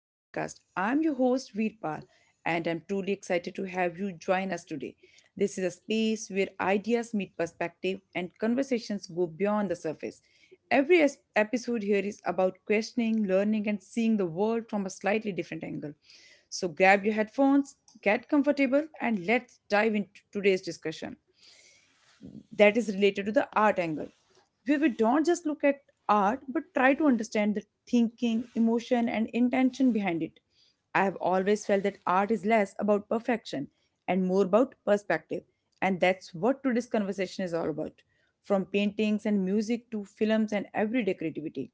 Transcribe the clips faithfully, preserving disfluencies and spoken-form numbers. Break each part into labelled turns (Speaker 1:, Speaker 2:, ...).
Speaker 1: podcast. I'm your host, Veerpal, and I'm truly excited to have you join us today. This is a space where ideas meet perspective and conversations go beyond the surface. Every es- episode here is about questioning, learning, and seeing the world from a slightly different angle. So grab your headphones, get comfortable, and let's dive into today's discussion that is related to the art angle where we don't just look at art but try to understand the thinking emotion and intention behind it. I have always felt that art is less about perfection and more about perspective, and that's what today's conversation is all about. From paintings and music to films and everyday creativity,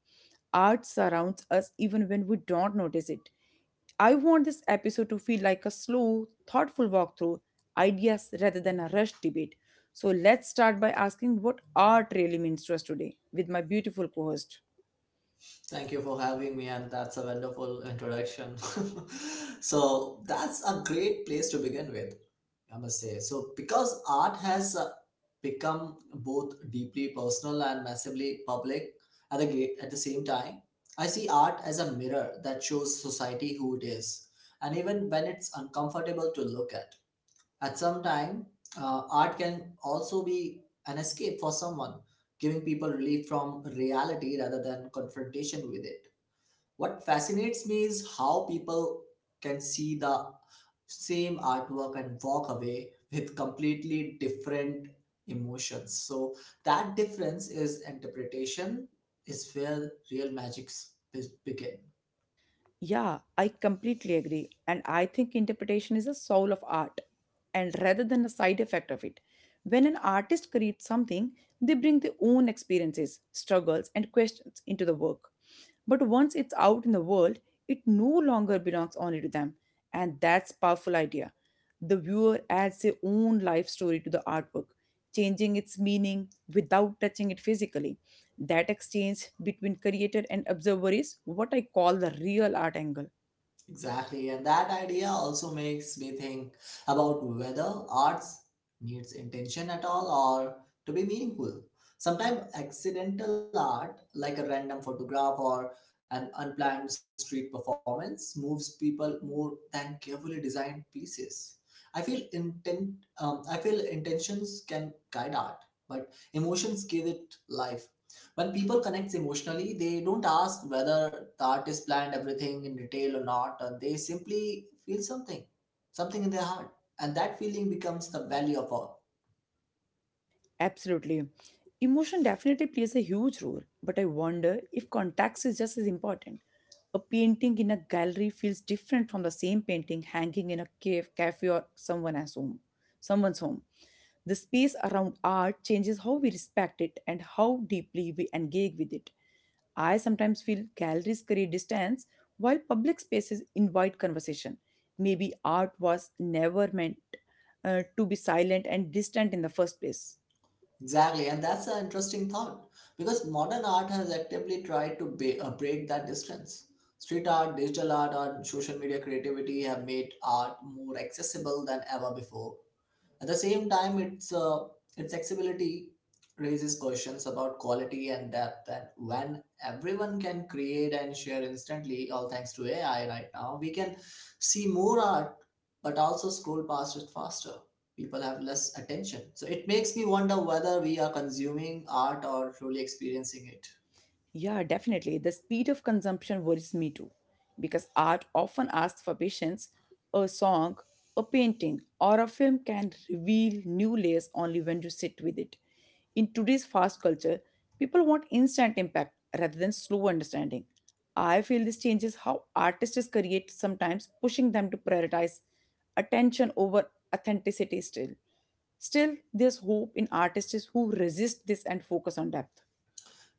Speaker 1: art surrounds us even when we don't notice it. I want this episode to feel like a slow, thoughtful walk through ideas rather than a rushed debate, so let's start by asking what art really means to us today with my beautiful co host.
Speaker 2: Thank you for having me, and that's a wonderful introduction. So, that's a great place to begin with, I must say. So, because art has uh, become both deeply personal and massively public at the, ga- at the same time. I see art as a mirror that shows society who it is, and even when it's uncomfortable to look at. At some time, uh, art can also be an escape for someone, giving people relief from reality rather than confrontation with it. What fascinates me is how people can see the same artwork and walk away with completely different emotions. So, that difference is interpretation, is where real magics be- begin.
Speaker 1: Yeah, I completely agree. And I think interpretation is the soul of art, and rather than a side effect of it. When an artist creates something, they bring their own experiences, struggles, and questions into the work. But once it's out in the world, it no longer belongs only to them. And that's powerful idea. The viewer adds their own life story to the artwork, changing its meaning without touching it physically. That exchange between creator and observer is what I call the real art angle.
Speaker 2: Exactly, and that idea also makes me think about whether arts needs intention at all or to be meaningful. Sometimes accidental art, like a random photograph or an unplanned street performance, moves people more than carefully designed pieces. I feel intent. Um, I feel intentions can guide art, but emotions give it life. When people connect emotionally, they don't ask whether the artist planned everything in detail or not, and they simply feel something, something in their heart, and that feeling becomes the value of art.
Speaker 1: Absolutely. Emotion definitely plays a huge role, but I wonder if context is just as important. A painting in a gallery feels different from the same painting hanging in a cave, cafe, or someone else's home. Someone's home. The space around art changes how we respect it and how deeply we engage with it. I sometimes feel galleries create distance while public spaces invite conversation. Maybe art was never meant uh, to be silent and distant in the first place.
Speaker 2: Exactly, and that's an interesting thought because modern art has actively tried to ba- uh, break that distance. Street art, digital art, and social media creativity have made art more accessible than ever before. At the same time, its uh, its accessibility raises questions about quality and depth. And when everyone can create and share instantly, all thanks to A I right now, we can see more art, but also scroll past it faster. People have less attention, so it makes me wonder whether we are consuming art or truly experiencing it.
Speaker 1: Yeah, definitely. The speed of consumption worries me too, because art often asks for patience. A song, a painting, or a film can reveal new layers only when you sit with it. In today's fast culture, people want instant impact rather than slow understanding. I feel this changes how artists create, sometimes pushing them to prioritize attention over authenticity still. Still, there's hope in artists who resist this and focus on depth.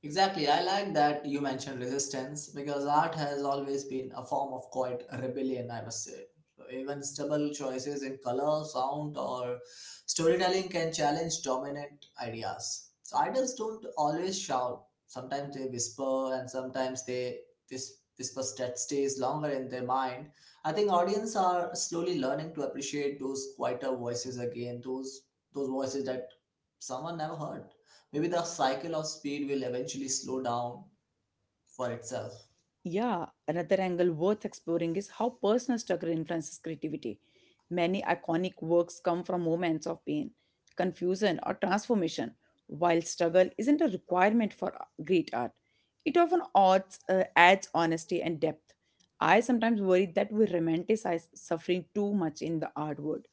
Speaker 2: Exactly. I like that you mentioned resistance because art has always been a form of quiet rebellion, I must say. So even stubble choices in color, sound, or storytelling can challenge dominant ideas. So artists don't always shout. Sometimes they whisper, and sometimes they this whisper that stays longer in their mind. I think audience are slowly learning to appreciate those quieter voices again. Those those voices that someone never heard, maybe the cycle of speed will eventually slow down for itself.
Speaker 1: Yeah, another angle worth exploring is how personal struggle influences creativity. Many iconic works come from moments of pain, confusion, or transformation. While struggle isn't a requirement for great art, it often adds, uh, adds honesty and depth. I sometimes worry that we romanticize suffering too much in the art world.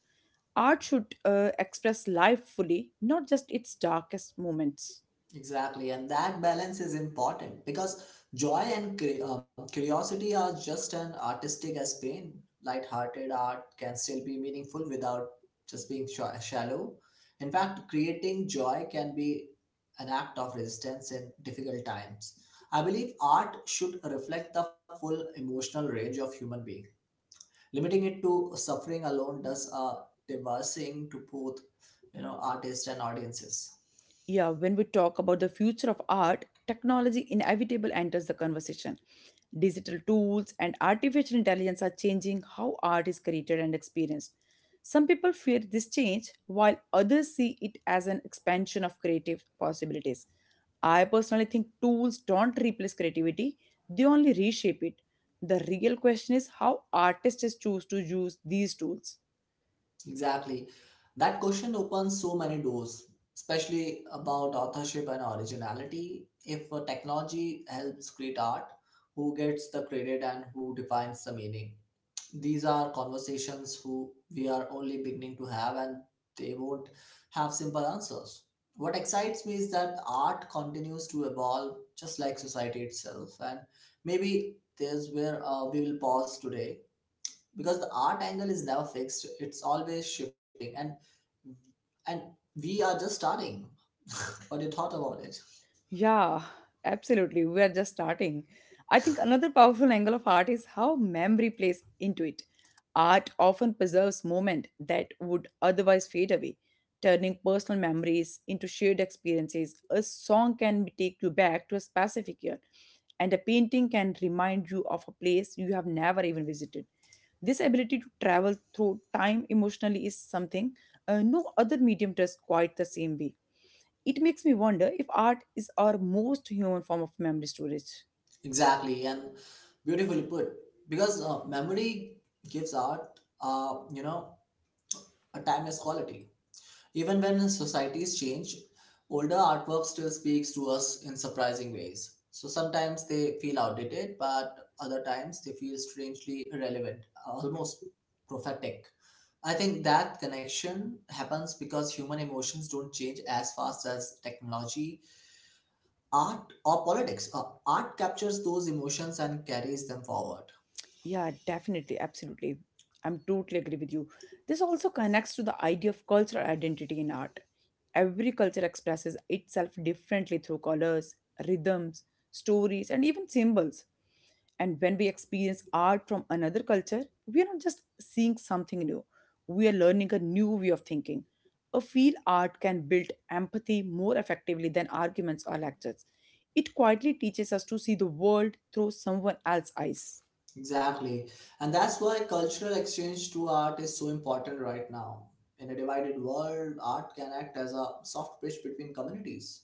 Speaker 1: Art should uh, express life fully, not just its darkest moments.
Speaker 2: Exactly, and that balance is important because joy and cur- um, curiosity are just as artistic as pain. Light-hearted art can still be meaningful without just being sh- shallow. In fact, creating joy can be an act of resistance in difficult times. I believe art should reflect the full emotional range of human beings. Limiting it to suffering alone does a devastating to both, you know, artists and audiences.
Speaker 1: Yeah, when we talk about the future of art, technology inevitably enters the conversation. Digital tools and artificial intelligence are changing how art is created and experienced. Some people fear this change, while others see it as an expansion of creative possibilities. I personally think tools don't replace creativity, they only reshape it. The real question is how artists choose to use these tools.
Speaker 2: Exactly. That question opens so many doors, especially about authorship and originality. If a technology helps create art, who gets the credit and who defines the meaning? These are conversations who we are only beginning to have, and they won't have simple answers. What excites me is that art continues to evolve just like society itself, and maybe there's where uh, we will pause today, because the art angle is never fixed, it's always shifting, and and we are just starting. What you thought about it?
Speaker 1: Yeah, absolutely. We are just starting. I think another powerful angle of art is how memory plays into it. Art often preserves moments that would otherwise fade away, turning personal memories into shared experiences. A song can take you back to a specific year, and a painting can remind you of a place you have never even visited. This ability to travel through time emotionally is something uh, no other medium does quite the same way. It makes me wonder if art is our most human form of memory storage.
Speaker 2: Exactly, and beautifully put, because uh, memory gives art, uh, you know a time is quality. Even when societies change, older artwork still speaks to us in surprising ways. So sometimes they feel outdated, but other times they feel strangely relevant, almost prophetic. I think that connection happens because human emotions don't change as fast as technology, art, or politics. Uh, art captures those emotions and carries them forward.
Speaker 1: Yeah, definitely, absolutely. I'm totally agree with you. This also connects to the idea of cultural identity in art. Every culture expresses itself differently through colors, rhythms, stories, and even symbols. And when we experience art from another culture, we are not just seeing something new, we are learning a new way of thinking. A field art can build empathy more effectively than arguments or lectures. It quietly teaches us to see the world through someone else's eyes.
Speaker 2: Exactly. And that's why cultural exchange through art is so important right now. In a divided world, art can act as a soft bridge between communities.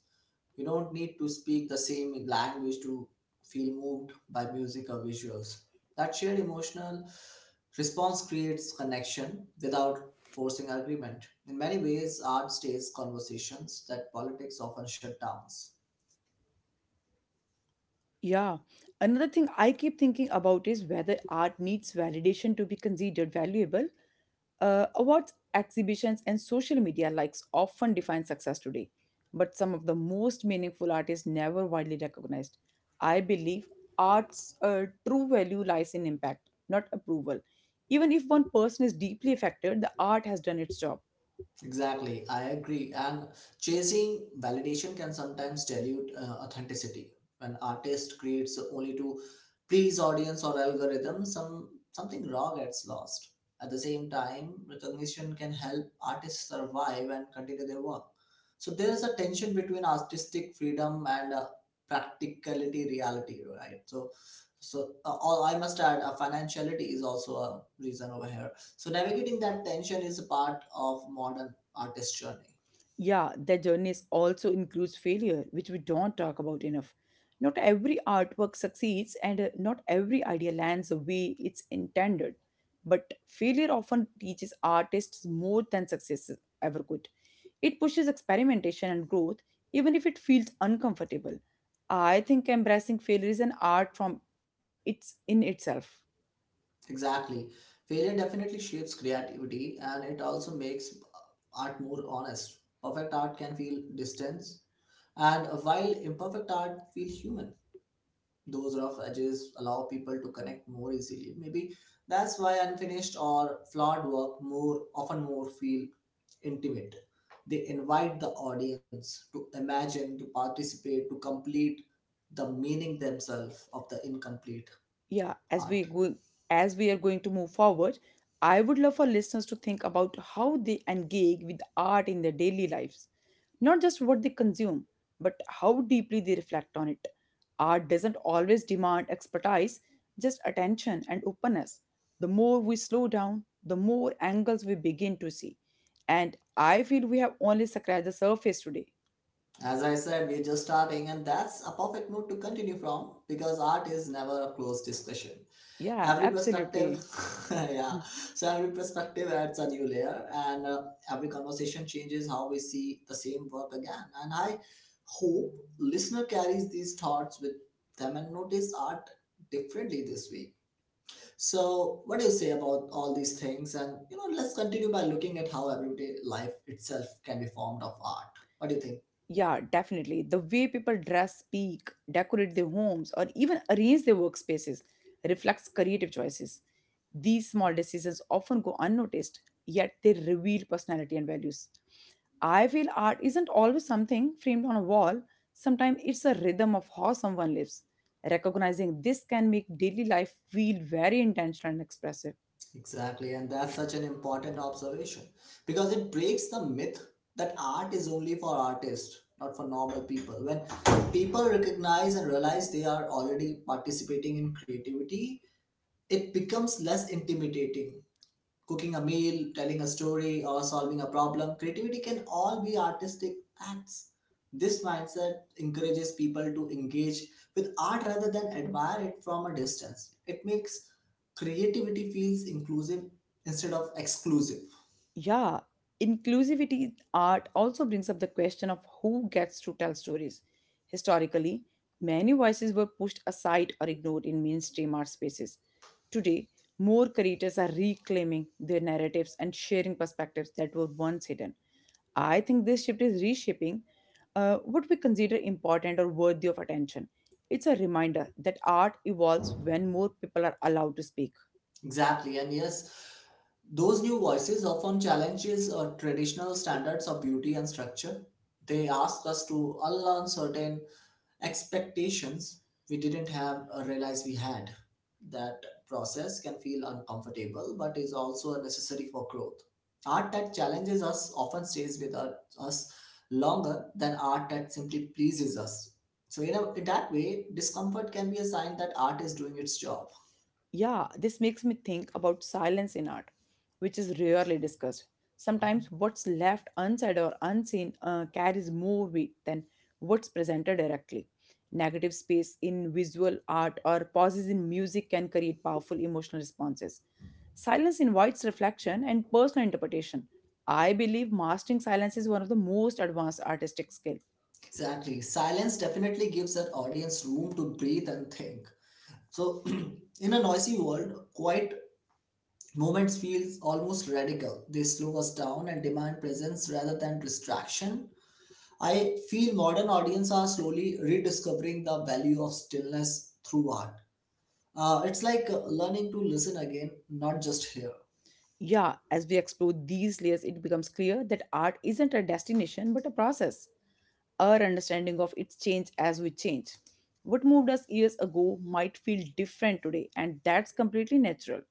Speaker 2: You don't need to speak the same language to feel moved by music or visuals. That shared emotional response creates connection without forcing agreement. In many ways, art stays conversations that politics often shut down.
Speaker 1: Yeah, another thing I keep thinking about is whether art needs validation to be considered valuable. Uh, awards, exhibitions, and social media likes often define success today, but some of the most meaningful artists never widely recognized. I believe art's uh, true value lies in impact, not approval. Even if one person is deeply affected, the art has done its job.
Speaker 2: Exactly, I agree. And chasing validation can sometimes dilute uh, authenticity. When artist creates only to please audience or algorithm, some something raw gets lost. At the same time, recognition can help artists survive and continue their work. So there is a tension between artistic freedom and uh, practicality reality, right? So, so uh, all I must add, uh, financiality is also a reason over here, so navigating that tension is a part of modern artist journey.
Speaker 1: Yeah, that journey is also includes failure, which we don't talk about enough. Not every artwork succeeds, and uh, not every idea lands the way it's intended. But failure often teaches artists more than success ever could. It pushes experimentation and growth, even if it feels uncomfortable. I think embracing failure is an art from it's in itself.
Speaker 2: Exactly. Failure definitely shapes creativity, and it also makes uh, art more honest. Perfect art can feel distance, and uh, while imperfect art feel human. Those rough edges allow people to connect more easily. Maybe that's why unfinished or flawed work more often more feel intimate. They invite the audience to imagine, to participate, to complete the meaning themselves of the incomplete
Speaker 1: Yeah, as
Speaker 2: art.
Speaker 1: we go, as we are going to move forward, I would love for listeners to think about how they engage with art in their daily lives, not just what they consume, but how deeply they reflect on it. Art doesn't always demand expertise, just attention and openness. The more we slow down, the more angles we begin to see, and I feel we have only scratched the surface today.
Speaker 2: As I said, we're just starting, and that's a perfect note to continue from, because art is never a closed discussion.
Speaker 1: Yeah,
Speaker 2: Every perspective
Speaker 1: absolutely.
Speaker 2: yeah, so every perspective adds a new layer, and uh, every conversation changes how we see the same work again. And I hope listener carries these thoughts with them and notice art differently this week. So what do you say about all these things, and you know, let's continue by looking at how everyday life itself can be formed of art. What do you think?
Speaker 1: Yeah, definitely. The way people dress, speak, decorate their homes, or even arrange their workspaces reflects creative choices. These small decisions often go unnoticed, yet they reveal personality and values. I feel art isn't always something framed on a wall, sometimes it's a rhythm of how someone lives. Recognizing this can make daily life feel very intentional and expressive.
Speaker 2: Exactly, and that's such an important observation because it breaks the myth that art is only for artists, not for normal people. When people recognize and realize they are already participating in creativity, it becomes less intimidating. Cooking a meal, telling a story, or solving a problem, creativity can all be artistic acts. This mindset encourages people to engage with art rather than admire it from a distance. It makes creativity feels inclusive instead of exclusive.
Speaker 1: Yeah, inclusivity in art also brings up the question of who gets to tell stories. Historically, many voices were pushed aside or ignored in mainstream art spaces. Today, more creators are reclaiming their narratives and sharing perspectives that were once hidden. I think this shift is reshaping uh, what we consider important or worthy of attention. It's a reminder that art evolves when more people are allowed to speak.
Speaker 2: Exactly, and yes, those new voices often challenges or traditional standards of beauty and structure. They ask us to unlearn certain expectations we didn't have or realize we had. That process can feel uncomfortable but is also necessary for growth. Art that challenges us often stays with us us longer than art that simply pleases us. So, in, a, in that way, discomfort can be a sign that art is doing its job.
Speaker 1: Yeah, this makes me think about silence in art, which is rarely discussed. Sometimes what's left unsaid or unseen uh, carries more weight than what's presented directly. Negative space in visual art or pauses in music can create powerful emotional responses. Silence invites reflection and personal interpretation. I believe mastering silence is one of the most advanced artistic skills.
Speaker 2: Exactly. Silence definitely gives an audience room to breathe and think. So, in a noisy world, quiet movement feels almost radical. They slow us down and demand presence rather than distraction. I feel modern audience are slowly rediscovering the value of stillness through art. Uh, it's like uh, learning to listen again, not just hear.
Speaker 1: Yeah, as we explore these layers, it becomes clear that art isn't a destination but a process. Our understanding of its change as we change. What moved us years ago might feel different today, and that's completely natural.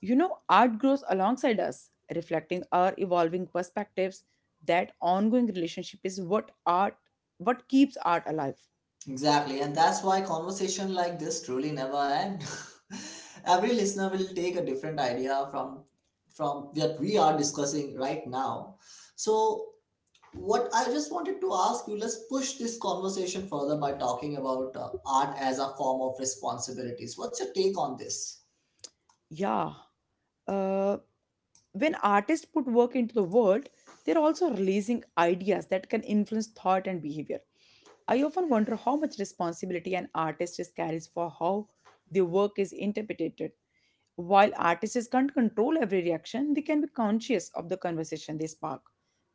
Speaker 1: You know, art grows alongside us, reflecting our evolving perspectives. That ongoing relationship is what art what keeps art alive.
Speaker 2: Exactly, and that's why conversation like this truly never end. Every listener will take a different idea from from what we are discussing right now. So, what I just wanted to ask you, let's push this conversation further by talking about uh, art as a form of responsibilities. What's your take on this?
Speaker 1: Yeah. Uh, when artists put work into the world, they're also releasing ideas that can influence thought and behavior. I often wonder how much responsibility an artist is carries for how their work is interpreted. While artists can't control every reaction, they can be conscious of the conversation they spark.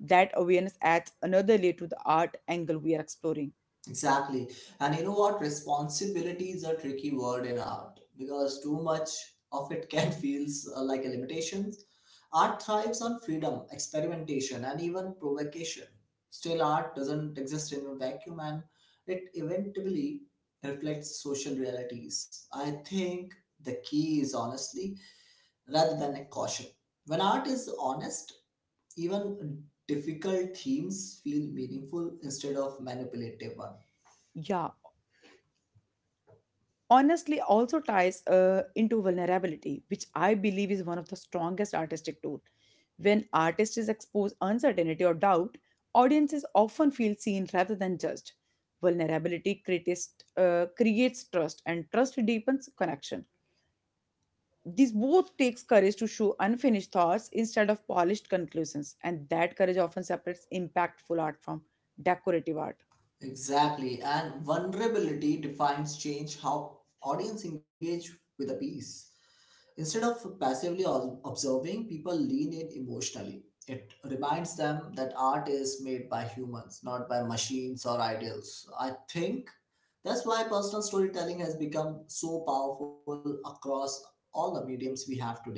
Speaker 1: That awareness adds another layer to the art angle we are exploring.
Speaker 2: Exactly. And you know what? Responsibility is a tricky word in art because too much of it can feel uh, like a limitation. Art thrives on freedom, experimentation, and even provocation. Still, art doesn't exist in a vacuum, and it eventually reflects social realities. I think the key is honestly rather than a caution. When art is honest, even difficult themes feel meaningful instead of manipulative one.
Speaker 1: Yeah, honestly, also ties uh, into vulnerability, which I believe is one of the strongest artistic tool. When artists is exposed uncertainty or doubt, audiences often feel seen rather than judged. Vulnerability creates, uh, creates trust, and trust deepens connection. This both takes courage to show unfinished thoughts instead of polished conclusions, and that courage often separates impactful art from decorative art.
Speaker 2: Exactly, and vulnerability defines change how audience engage with a piece. Instead of passively ob- observing, people lean in emotionally. It reminds them that art is made by humans, not by machines or ideals. I think that's why personal storytelling has become so powerful across all the mediums we have today.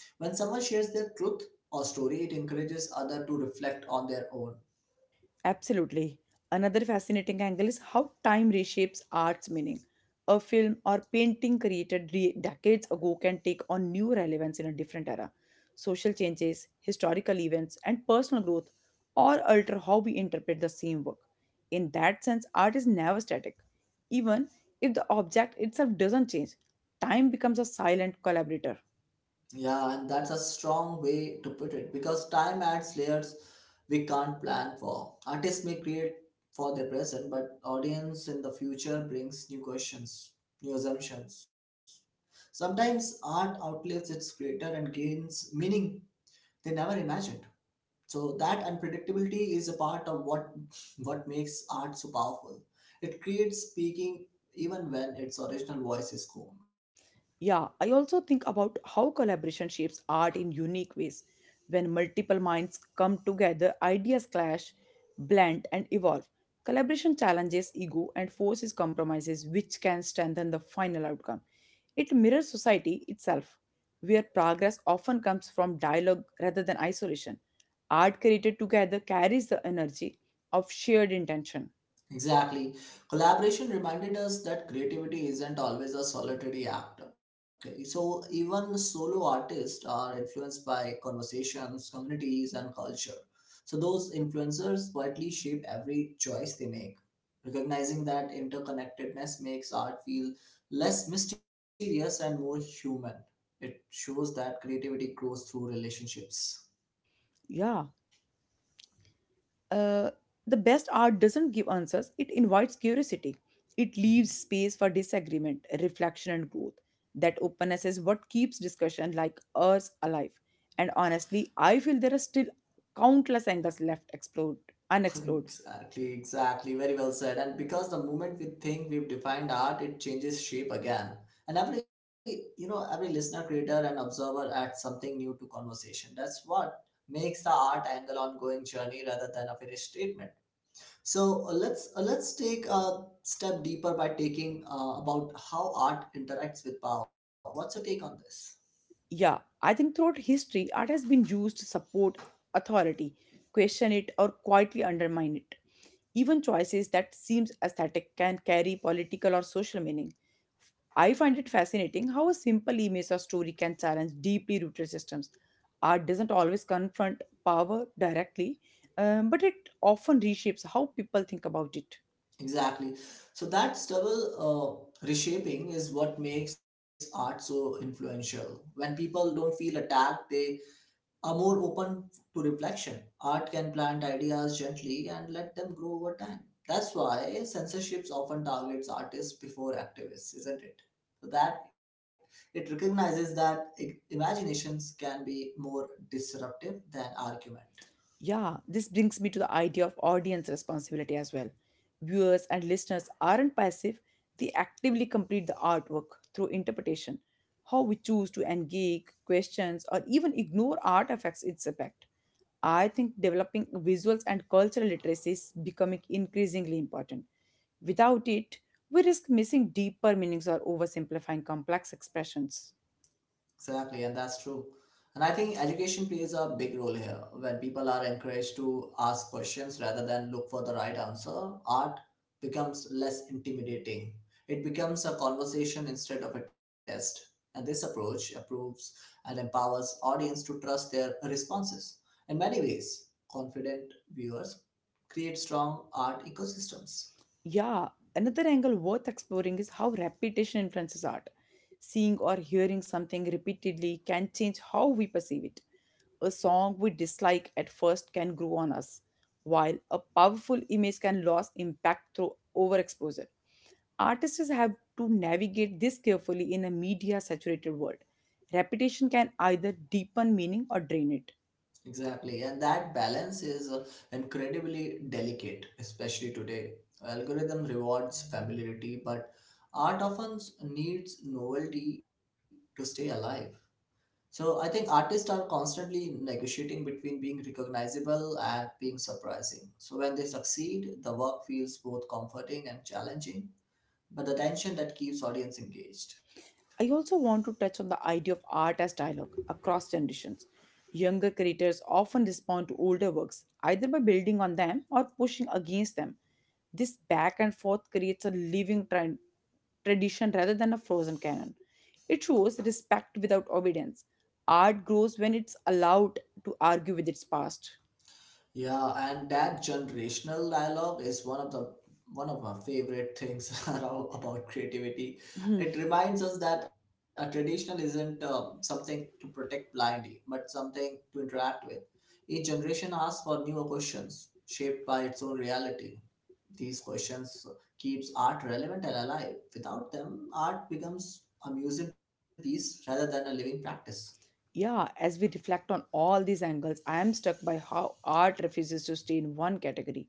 Speaker 2: When someone shares their truth or story, it encourages others to reflect on their own.
Speaker 1: Absolutely. Another fascinating angle is how time reshapes art's meaning. A film or painting created re- decades ago can take on new relevance in a different era. Social changes, historical events, and personal growth all alter how we interpret the same work. In that sense, art is never static. Even if the object itself doesn't change, time becomes a silent collaborator.
Speaker 2: Yeah, and that's a strong way to put it because time adds layers we can't plan for. Artists may create for their present, but audience in the future brings new questions, new assumptions. Sometimes art outlives its creator and gains meaning they never imagined. So that unpredictability is a part of what what makes art so powerful. It creates speaking even when its original voice is gone.
Speaker 1: Yeah, I also think about how collaboration shapes art in unique ways. When multiple minds come together, ideas clash, blend, and evolve. Collaboration challenges ego and forces compromises, which can strengthen the final outcome. It mirrors society itself, where progress often comes from dialogue rather than isolation. Art created together carries the energy of shared intention.
Speaker 2: Exactly. Collaboration reminded us that creativity isn't always a solitary act. Okay. So even solo artists are influenced by conversations, communities, and culture. So those influencers quietly shape every choice they make. Recognizing that interconnectedness makes art feel less mysterious and more human. It shows that creativity grows through relationships.
Speaker 1: Yeah. Uh, the best art doesn't give answers, it invites curiosity. It leaves space for disagreement, reflection, and growth. That openness is what keeps discussion like ours alive. And honestly, I feel there are still countless angles left explored, unexplored.
Speaker 2: Exactly, exactly. Very well said. And because the moment we think we've defined art, it changes shape again. And every, you know, every listener, creator, and observer adds something new to conversation. That's what makes the art angle ongoing journey rather than a finished statement. So uh, let's uh, let's take a step deeper by taking uh, about how art interacts with power. What's your take on this?
Speaker 1: Yeah, I think throughout history, art has been used to support authority, question it, or quietly undermine it. Even choices that seems aesthetic can carry political or social meaning. I find it fascinating how a simple image or story can challenge deeply rooted systems. Art doesn't always confront power directly, um, but it often reshapes how people think about it.
Speaker 2: Exactly. So that stubble uh, reshaping is what makes art so influential. When people don't feel attacked, they are more open to reflection. Art can plant ideas gently and let them grow over time. That's why censorship often targets artists before activists, isn't it? So that it recognizes that i- imaginations can be more disruptive than argument.
Speaker 1: Yeah, this brings me to the idea of audience responsibility as well. Viewers and listeners aren't passive, they actively complete the artwork through interpretation. How we choose to engage, questions, or even ignore art affects its effect. I think developing visuals and cultural literacy is becoming increasingly important. Without it, we risk missing deeper meanings or oversimplifying complex expressions.
Speaker 2: Exactly, and that's true. And I think education plays a big role here. When people are encouraged to ask questions rather than look for the right answer, art becomes less intimidating. It becomes a conversation instead of a test. And this approach approves and empowers audience to trust their responses. In many ways, confident viewers create strong art ecosystems.
Speaker 1: Yeah, another angle worth exploring is how repetition influences art. Seeing or hearing something repeatedly can change how we perceive it. A song we dislike at first can grow on us, while a powerful image can lose impact through overexposure. Artists have to navigate this carefully in a media saturated world. Repetition can either deepen meaning or drain it.
Speaker 2: Exactly, and that balance is uh, incredibly delicate, especially today. Algorithm rewards familiarity, but art often s- needs novelty to stay alive. So I think artists are constantly negotiating between being recognizable and being surprising. So when they succeed, the work feels both comforting and challenging, but the tension that keeps audience engaged.
Speaker 1: I also want to touch on the idea of art as dialogue across generations. Younger creators often respond to older works either by building on them or pushing against them. This back and forth creates a living trend, tradition rather than a frozen canon. It shows respect without obedience. Art grows when it's allowed to argue with its past.
Speaker 2: Yeah, and that generational dialogue is one of the one of my favorite things around, about creativity. It reminds us that a traditional isn't um, something to protect blindly, but something to interact with. Each generation asks for newer questions, shaped by its own reality. These questions keeps art relevant and alive. Without them, art becomes a museum piece rather than a living practice.
Speaker 1: Yeah, as we reflect on all these angles, I am struck by how art refuses to stay in one category.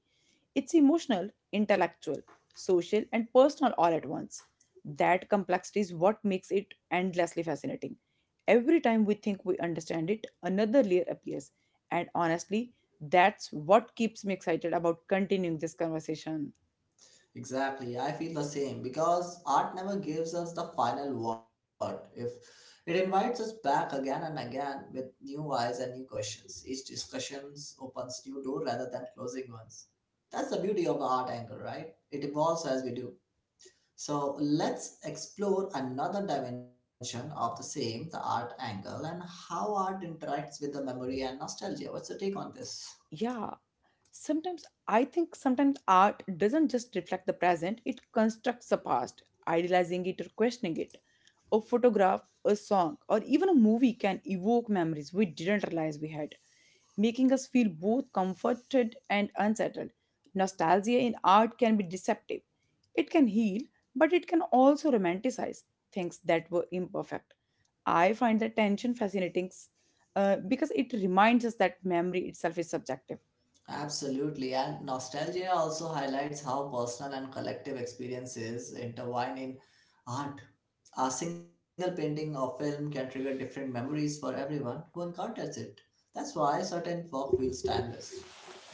Speaker 1: It's emotional, intellectual, social, and personal all at once. That complexity is what makes it endlessly fascinating. Every time we think we understand it, another layer appears. And honestly, that's what keeps me excited about continuing this conversation.
Speaker 2: Exactly, I feel the same because art never gives us the final word. If it invites us back again and again with new eyes and new questions, each discussion opens new door rather than closing ones. That's the beauty of the art angle, right? It evolves as we do. So let's explore another dimension of the same, the art angle, and how art interacts with the memory and nostalgia. What's your take on this?
Speaker 1: Yeah. Sometimes I think sometimes art doesn't just reflect the present, it constructs the past, idealizing it or questioning it. A photograph, a song, or even a movie can evoke memories we didn't realize we had, making us feel both comforted and unsettled. Nostalgia in art can be deceptive. It can heal, but it can also romanticize things that were imperfect. I find that tension fascinating uh, because it reminds us that memory itself is subjective.
Speaker 2: Absolutely, and nostalgia also highlights how personal and collective experiences intertwine in art. A single painting or film can trigger different memories for everyone who encounters it. That's why certain work feels timeless.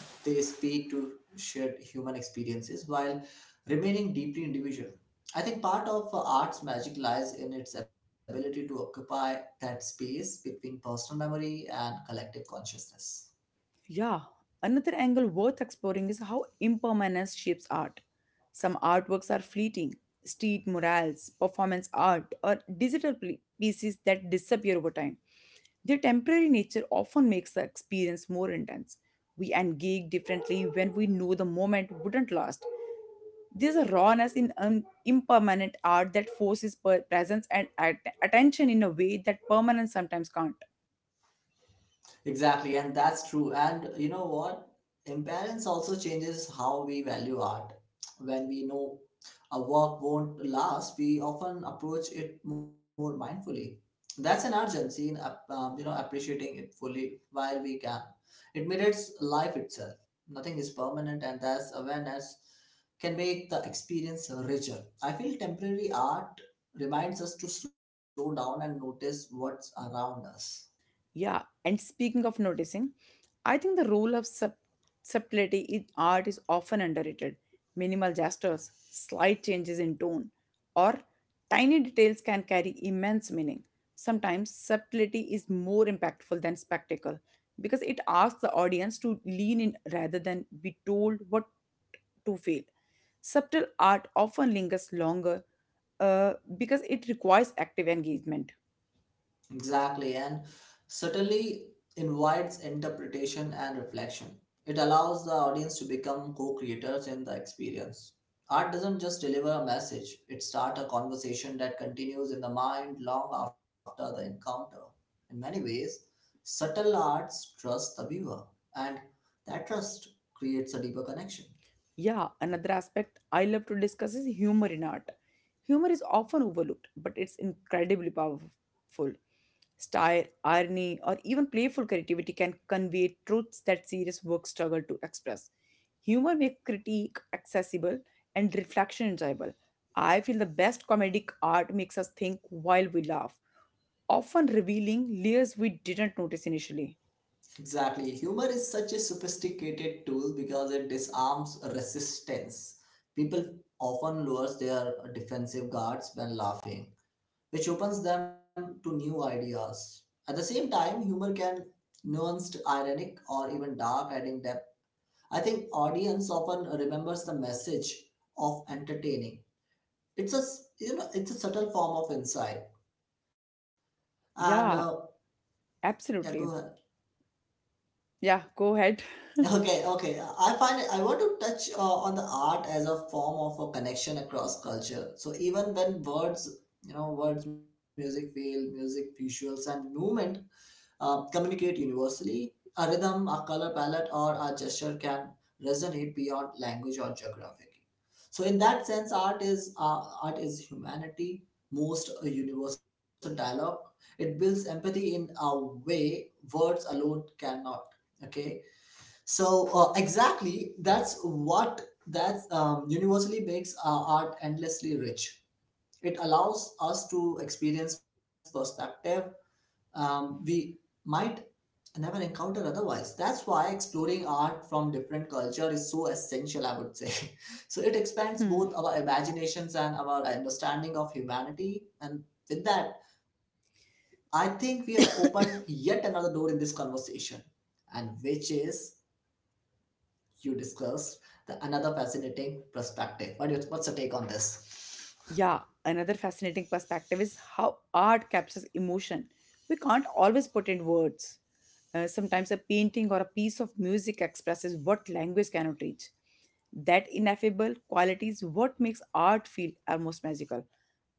Speaker 2: They speak to shared human experiences while remaining deeply individual. I think part of art's magic lies in its ability to occupy that space between personal memory and collective consciousness.
Speaker 1: Yeah, another angle worth exploring is how impermanence shapes art. Some artworks are fleeting, street murals, performance art, or digital pl- pieces that disappear over time. Their temporary nature often makes the experience more intense. We engage differently when we know the moment wouldn't last. There's a rawness in un- impermanent art that forces per- presence and at- attention in a way that permanence sometimes can't.
Speaker 2: Exactly, and that's true. And you know what? Imbalance also changes how we value art. When we know a work won't last, we often approach it more mindfully. That's an urgency in ap- um, you know appreciating it fully while we can. It mirrors life itself. Nothing is permanent, and that's awareness can make the experience richer. I feel temporary art reminds us to slow down and notice what's around us.
Speaker 1: Yeah, and speaking of noticing, I think the role of sub- subtlety in art is often underrated. Minimal gestures, slight changes in tone, or tiny details can carry immense meaning. Sometimes subtlety is more impactful than spectacle because it asks the audience to lean in rather than be told what to feel. Subtle art often lingers longer uh, because it requires active engagement.
Speaker 2: Exactly, and certainly invites interpretation and reflection. It allows the audience to become co creators in the experience. Art doesn't just deliver a message, it starts a conversation that continues in the mind long after the encounter. In many ways, subtle arts trust the viewer, and that trust creates a deeper connection.
Speaker 1: Yeah, another aspect I love to discuss is humor in art. Humor is often overlooked, but it's incredibly powerful. Style, irony, or even playful creativity can convey truths that serious work struggle to express. Humor makes critique accessible and reflection enjoyable. I feel the best comedic art makes us think while we laugh, often revealing layers we didn't notice initially.
Speaker 2: Exactly. Humor is such a sophisticated tool because it disarms resistance. People often lowers their defensive guards when laughing, which opens them to new ideas. At the same time, humor can nuanced, ironic, or even dark, adding depth. I think audience often remembers the message of entertaining. It's a s- you know it's a subtle form of insight. And uh,
Speaker 1: Yeah,
Speaker 2: Yeah, go ahead.
Speaker 1: absolutely. Yeah, go ahead.
Speaker 2: Okay, okay. I find it, I want to touch uh, on the art as a form of a connection across culture. So even when words, you know, words, music, feel, music, visuals, and movement uh, communicate universally, a rhythm, a color palette, or a gesture can resonate beyond language or geography. So in that sense, art is uh, art is humanity most uh, universal dialogue. It builds empathy in a way words alone cannot. Okay, so uh, exactly, that's what that's um, universally makes our art endlessly rich. It allows us to experience perspective um, we might never encounter otherwise. That's why exploring art from different culture is so essential, I would say. So it expands both our imaginations and our understanding of humanity. And with that, I think we have opened yet another door in this conversation, and which is you discussed the another fascinating perspective. What What is, what's your take on this?
Speaker 1: Yeah, another fascinating perspective is how art captures emotion. We can't always put in words. Uh, sometimes a painting or a piece of music expresses what language cannot reach. That ineffable quality is what makes art feel almost magical.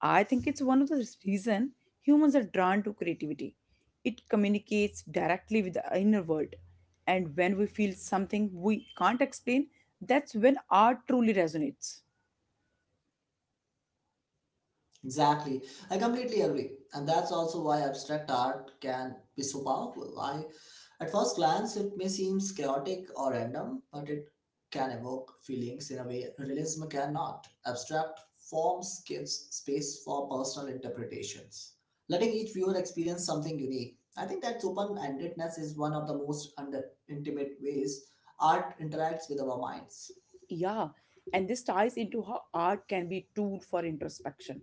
Speaker 1: I think it's one of the reasons humans are drawn to creativity. It communicates directly with the inner world. And when we feel something we can't explain, that's when art truly resonates.
Speaker 2: Exactly, I completely agree, and that's also why abstract art can be so powerful. I, at first glance, it may seem chaotic or random, but it can evoke feelings in a way realism cannot. Abstract forms gives space for personal interpretations letting each viewer experience something unique. I think that open endedness is one of the most under intimate ways art interacts with our minds.
Speaker 1: Yeah, and this ties into how art can be a tool for introspection.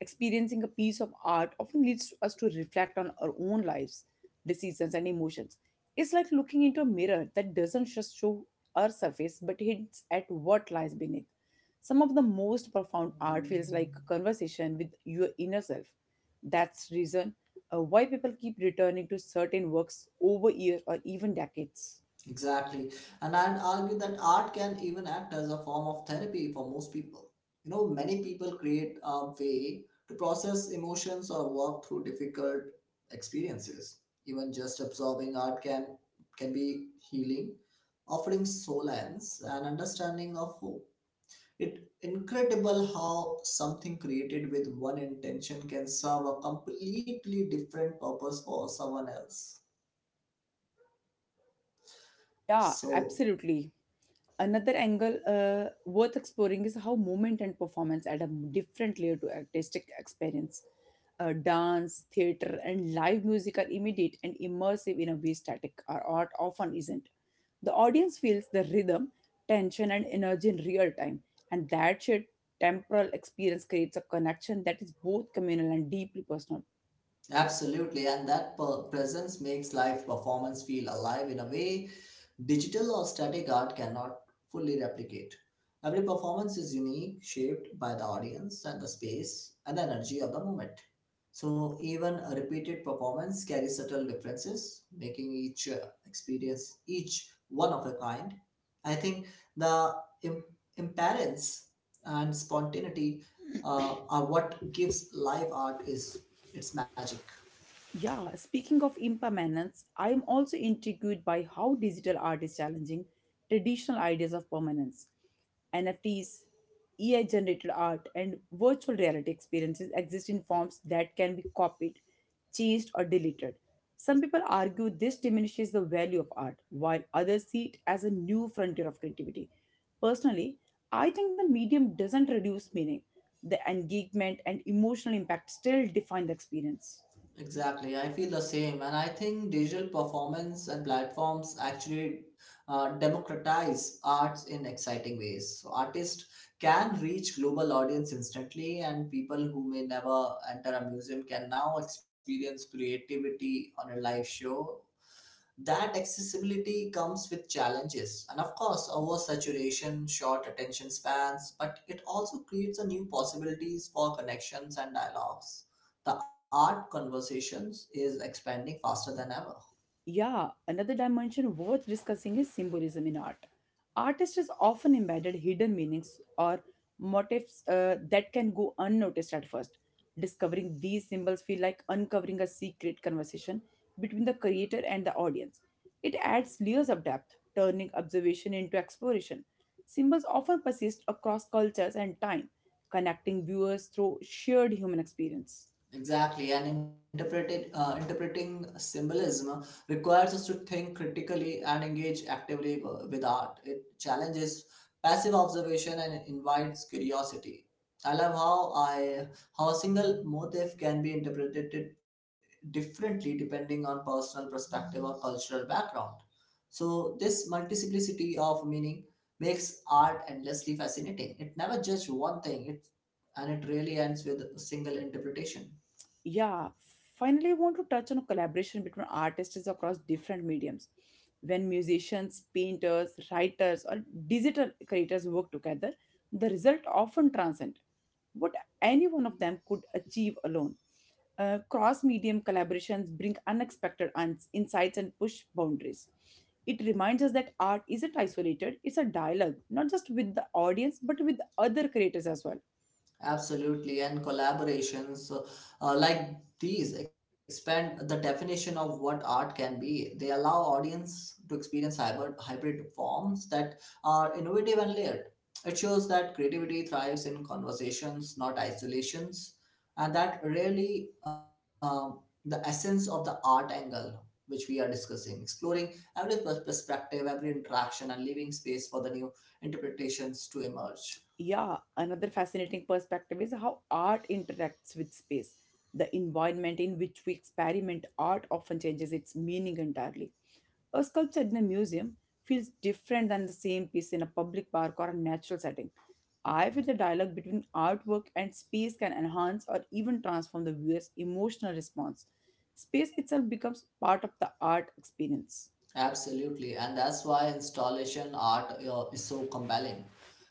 Speaker 1: Experiencing a piece of art often leads us to reflect on our own lives, decisions, and emotions. It's like looking into a mirror that doesn't just show our surface but hints at what lies beneath. Some of the most profound art feels like a conversation with your inner self. That's reason uh, why people keep returning to certain works over years or even decades.
Speaker 2: Exactly. And I'd argue that art can even act as a form of therapy for most people. You know, many people create a way to process emotions or walk through difficult experiences. Even just absorbing art can can be healing, offering solace and understanding of hope. It incredible how something created with one intention can serve a completely different purpose for someone else.
Speaker 1: Yeah,
Speaker 2: So
Speaker 1: absolutely. Another angle uh, worth exploring is how movement and performance add a different layer to artistic experience. Uh, dance, theater, and live music are immediate and immersive in a way static or art often isn't. The audience feels the rhythm, tension, and energy in real time, and that shared temporal experience creates a connection that is both communal and deeply personal.
Speaker 2: absolutely, and that per- presence makes live performance feel alive in a way digital or static art cannot fully replicate. Every performance is unique, shaped by the audience and the space and the energy of the moment. So, even a repeated performance carries subtle differences, making each uh, experience each one of a kind. I think the Im- imperance and spontaneity uh, are what gives live art is its magic.
Speaker 1: Yeah, speaking of impermanence, I am also intrigued by how digital art is challenging traditional ideas of permanence. N F Ts, A I generated art, and virtual reality experiences exist in forms that can be copied, changed, or deleted. Some people argue this diminishes the value of art, while others see it as a new frontier of creativity. Personally, I think the medium doesn't reduce meaning. The engagement and emotional impact still define the experience.
Speaker 2: Exactly, I feel the same, and I think digital performance and platforms actually uh, democratize arts in exciting ways. So artists can reach global audience instantly, and people who may never enter a museum can now experience creativity on a live show. That accessibility comes with challenges and of course oversaturation short attention spans, but it also creates a new possibilities for connections and dialogues. The art conversations is expanding faster than ever.
Speaker 1: Yeah, another dimension worth discussing is symbolism in art. Artists is often embedded hidden meanings or motifs uh, that can go unnoticed at first. Discovering these symbols feel like uncovering a secret conversation between the creator and the audience. It adds layers of depth, turning observation into exploration. Symbols often persist across cultures and time connecting viewers through shared human experience.
Speaker 2: Exactly, and interpreted, uh, interpreting symbolism requires us to think critically and engage actively w- with art. It challenges passive observation and invites curiosity. I love how I how a single motif can be interpreted differently depending on personal perspective or cultural background. So this multiplicity of meaning makes art endlessly fascinating. It never just one thing. It and it really ends with a single interpretation.
Speaker 1: Yeah, finally, I want to touch on collaboration between artists across different mediums. When musicians, painters, writers, or digital creators work together, the result often transcends what any one of them could achieve alone. Uh, Cross medium collaborations bring unexpected uns- insights and push boundaries. It reminds us that art isn't isolated, it's a dialogue, not just with the audience, but with other creators as well.
Speaker 2: Absolutely, and collaborations uh, uh, like these expand the definition of what art can be. They allow audience to experience hybrid, hybrid forms that are innovative and layered. It shows that creativity thrives in conversations, not isolations, and that really um, the essence of the art angle which we are discussing, exploring every pers- perspective, every interaction, and leaving space for the new interpretations to emerge.
Speaker 1: Yeah, another fascinating perspective is how art interacts with space. The environment in which we experiment art often changes its meaning entirely. A sculpture in a museum feels different than the same piece in a public park or a natural setting. I feel the dialogue between artwork and space can enhance or even transform the viewer's emotional response. Space itself becomes part of the art experience.
Speaker 2: Absolutely, and that's why installation art uh, is so compelling.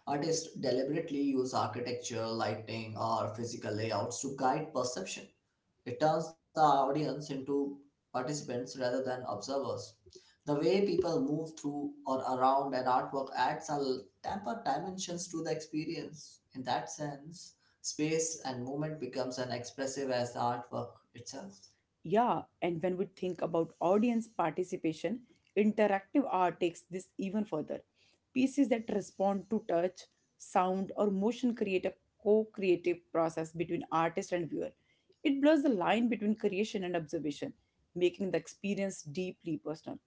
Speaker 2: Artists deliberately use architecture, lighting, or physical layouts to guide perception. It turns the audience into participants rather than observers. The way people move through or around an artwork adds a l- temper dimensions to the experience. In that sense, space and movement becomes as expressive as the artwork itself.
Speaker 1: Yeah, and when we think about audience participation, interactive art takes this even further. Pieces that respond to touch, sound, or motion create a co creative process between artist and viewer. It blurs the line between creation and observation, making the experience deeply personal.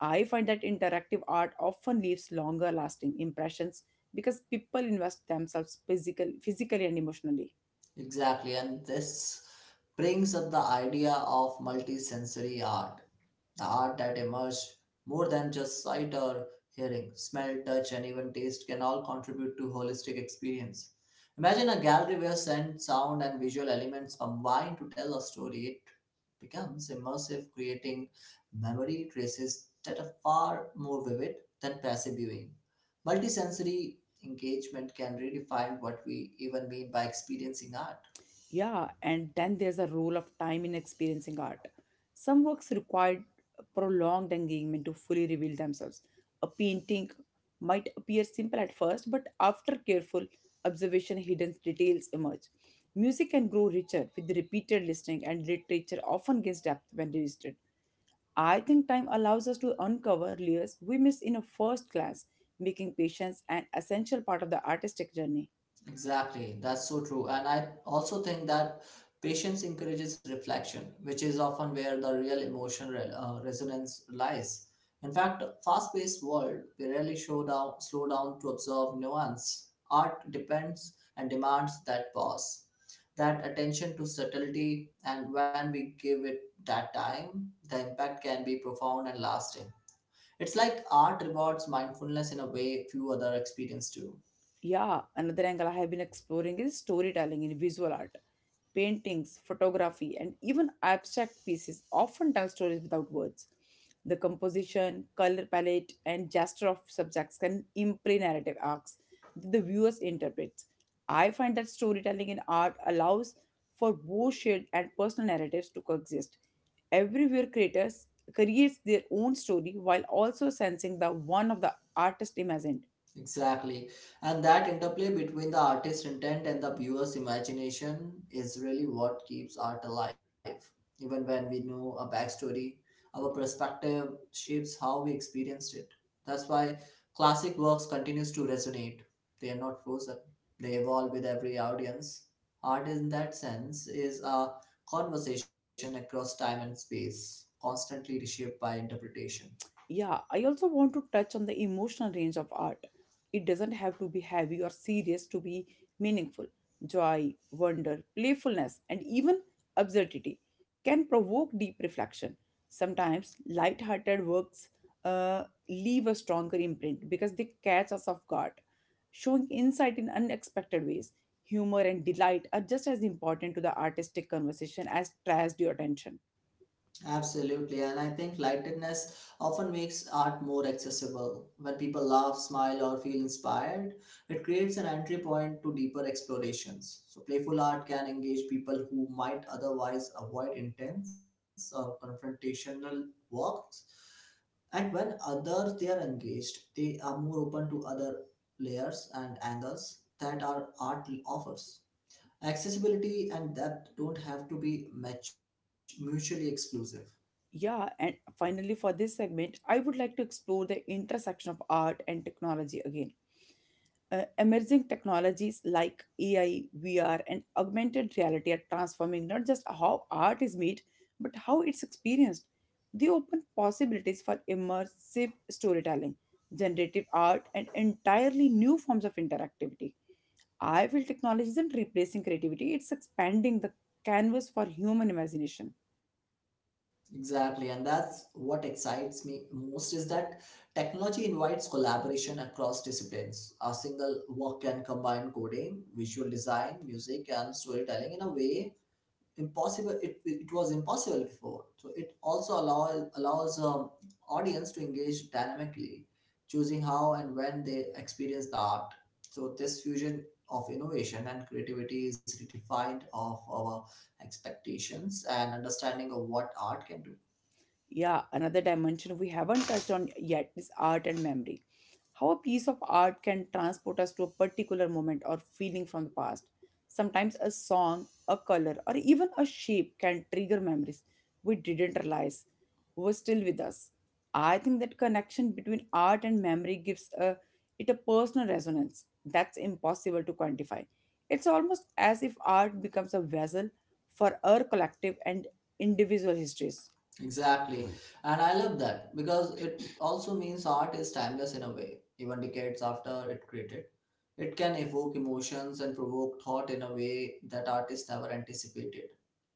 Speaker 1: I find that interactive art often leaves longer lasting impressions because people invest themselves physical, physically and emotionally.
Speaker 2: Exactly, and this brings up the idea of multisensory art, the art that emerged more than just sight or hearing. Smell, touch, and even taste can all contribute to holistic experience. Imagine a gallery where scent, sound, and visual elements combine to tell a story. It becomes immersive, creating memory traces that are far more vivid than passive viewing. Multisensory engagement can redefine what we even mean by experiencing art.
Speaker 1: Yeah, and then there's a role of time in experiencing art. Some works require prolonged engagement to fully reveal themselves. A painting might appear simple at first, but after careful observation, hidden details emerge. Music can grow richer with repeated listening, and literature often gains depth when revisited. I think time allows us to uncover layers we miss in a first glance, making patience an essential part of the artistic journey.
Speaker 2: Exactly, that's so true. And I also think that patience encourages reflection, which is often where the real emotion re- uh, resonance lies. In fact, fast-paced world, we rarely show down, slow down to observe nuance. Art depends and demands that pause, that attention to subtlety, and when we give it that time, the impact can be profound and lasting. It's like art rewards mindfulness in a way few other experience do.
Speaker 1: Yeah, another angle I have been exploring is storytelling in visual art. Paintings, photography, and even abstract pieces often tell stories without words. The composition, color palette, and gesture of subjects can imply narrative arcs that the viewers interprets. I find that storytelling in art allows for both shared and personal narratives to coexist. Everywhere creators creates their own story while also sensing the one of the artist imagined.
Speaker 2: Exactly. And that interplay
Speaker 1: He was
Speaker 2: between the
Speaker 1: also a
Speaker 2: artist's intent
Speaker 1: member
Speaker 2: and the
Speaker 1: of
Speaker 2: viewer's
Speaker 1: the Society
Speaker 2: imagination is really
Speaker 1: of
Speaker 2: what
Speaker 1: Artists.
Speaker 2: keeps art alive. Even when we know a backstory, our perspective shapes how we experienced it. That's why classic works continues to resonate. They are not frozen. They evolve with every audience. Art in that sense is a conversation across time and space, constantly reshaped by interpretation.
Speaker 1: Yeah, I also want to touch on the emotional range of art. It doesn't have to be heavy or serious to be meaningful. Joy, wonder, playfulness, and even absurdity can provoke deep reflection. Sometimes light-hearted works uh, leave a stronger imprint because they catch us off guard, showing insight in unexpected ways. Humor and delight are just as important to the artistic conversation as tragedy or tension.
Speaker 2: Absolutely, and I think lightedness often makes art more accessible. When people laugh, smile, or feel inspired, it creates an entry point to deeper explorations. So, playful art can engage people who might otherwise avoid intense or confrontational works. And when others they are engaged, they are more open to other layers and angles that our art offers. Accessibility and depth don't have to be much mutually exclusive.
Speaker 1: Yeah, and finally, for this segment, I would like to explore the intersection of art and technology again. Uh, emerging technologies like A I, V R, and augmented reality are transforming not just how art is made, but how it's experienced. They open possibilities for immersive storytelling, generative art, and entirely new forms of interactivity. I feel technology isn't replacing creativity, it's expanding the canvas for human imagination.
Speaker 2: Exactly, and that's what excites me most is that technology invites collaboration across disciplines. A single work can combine coding, visual design, music, and storytelling in a way impossible it, it was impossible before. So it also allow, allows um, audience to engage dynamically, choosing how and when they experience the art. So this fusion of innovation and creativity is redefined of our expectations and understanding of what art can do.
Speaker 1: Yeah, another dimension we haven't touched on yet is art and memory. How a piece of art can transport us to a particular moment or feeling from the past. Sometimes a song, a color, or even a shape can trigger memories we didn't realize were still with us. I think that connection between art and memory gives a, it a personal resonance that's impossible to quantify. It's almost as if art becomes a vessel for our collective and individual histories.
Speaker 2: Exactly. And I love that because it also means art is timeless in a way, even decades after it created. It can evoke emotions and provoke thought in a way that artists never anticipated.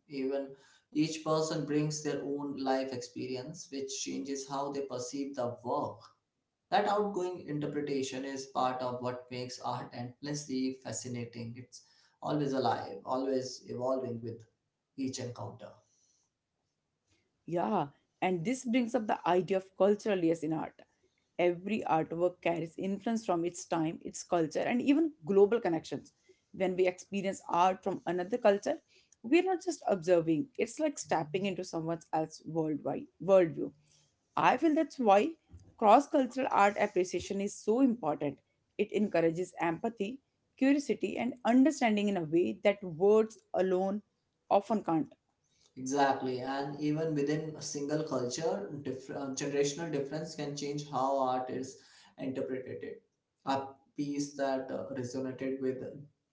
Speaker 2: Even each person brings their own life experience, which changes how they perceive the work. That outgoing interpretation is part of what makes art endlessly fascinating. It's always alive, always evolving with each encounter.
Speaker 1: Yeah, and this brings up the idea of cultural layers in art. Every artwork carries influence from its time, its culture, and even global connections. When we experience art from another culture, we are not just observing, it's like stepping into someone else's worldwide worldview. I feel that's why cross cultural art appreciation is so important. It encourages empathy, curiosity, and understanding in a way that words alone often can't.
Speaker 2: Exactly, and even within a single culture, diff- uh, generational difference can change how art is interpreted. A piece that uh, resonated with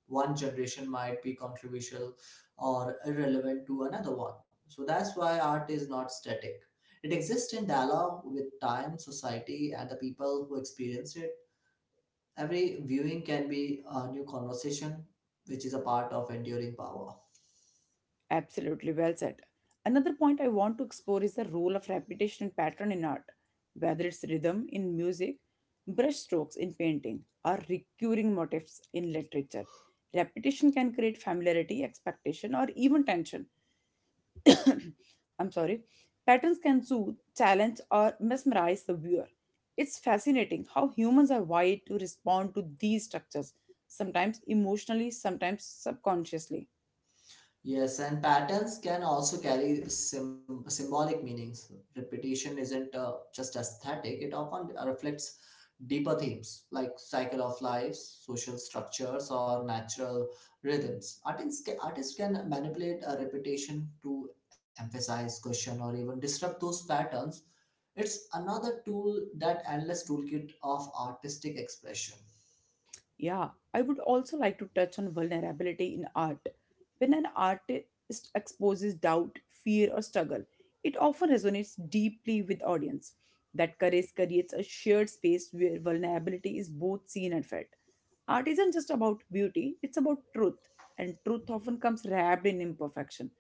Speaker 2: one generation might be controversial or irrelevant to another one. So that's why art is not static. It exists in dialogue with time, society, and the people who experience it. Every viewing can be a new conversation, which is a part of enduring power.
Speaker 1: Absolutely, well said. Another point I want to explore is the role of repetition and pattern in art, whether it's rhythm in music, brushstrokes in painting, or recurring motifs in literature. Repetition can create familiarity, expectation, or even tension. I'm sorry. Patterns can soothe, challenge, or mesmerize the viewer. It's fascinating how humans are wired to respond to these structures, sometimes emotionally, sometimes subconsciously.
Speaker 2: Yes, and patterns can also carry sym- symbolic meanings. Repetition isn't uh, just aesthetic, it often reflects deeper themes like cycle of life, social structures, or natural rhythms. Artists can, artists can manipulate a repetition to emphasize, question, or even disrupt those patterns. It's another tool that endless toolkit of artistic expression.
Speaker 1: Yeah, I would also like to touch on vulnerability in art. When an artist exposes doubt, fear, or struggle, it often resonates deeply with audience. That courage creates a shared space where vulnerability is both seen and felt. Art isn't just about beauty, it's about truth, and truth often comes wrapped in imperfection.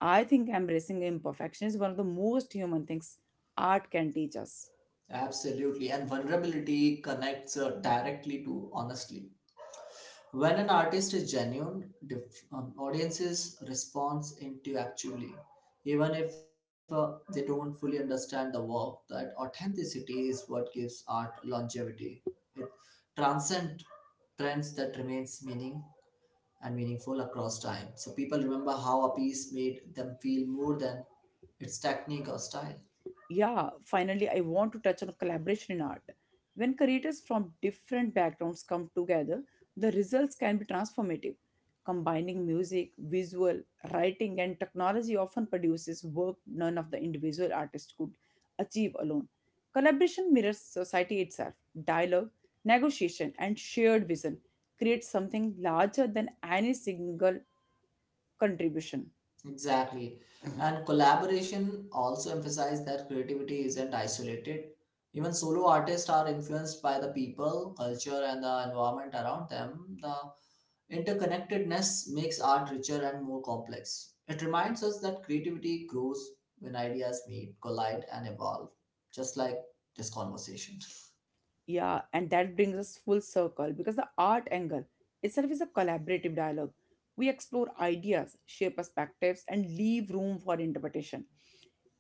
Speaker 1: I think embracing imperfection is one of the most human things art can teach us.
Speaker 2: Absolutely, and vulnerability connects uh, directly to honestly. When an artist is genuine, dif- um, audiences respond intuitively. Even if uh, they don't fully understand the work, that authenticity is what gives art longevity. It transcends trends that remains meaning and meaningful across time. So people remember how a piece made them feel more than its technique or style.
Speaker 1: Yeah, finally, I want to touch on collaboration in art. When creators from different backgrounds come together, the results can be transformative. Combining music, visual, writing and technology often produces work none of the individual artist could achieve alone. Collaboration mirrors society itself. Dialogue, negotiation and shared vision create something larger than any single contribution.
Speaker 2: Exactly. And collaboration also emphasized that creativity isn't isolated. Even solo artists are influenced by the people, culture, and the environment around them. The interconnectedness makes art richer and more complex. It reminds us that creativity grows when ideas meet, collide, and evolve, just like this conversation.
Speaker 1: Yeah, and that brings us full circle because the art angle itself is a collaborative dialogue. We explore ideas, share perspectives, and leave room for interpretation.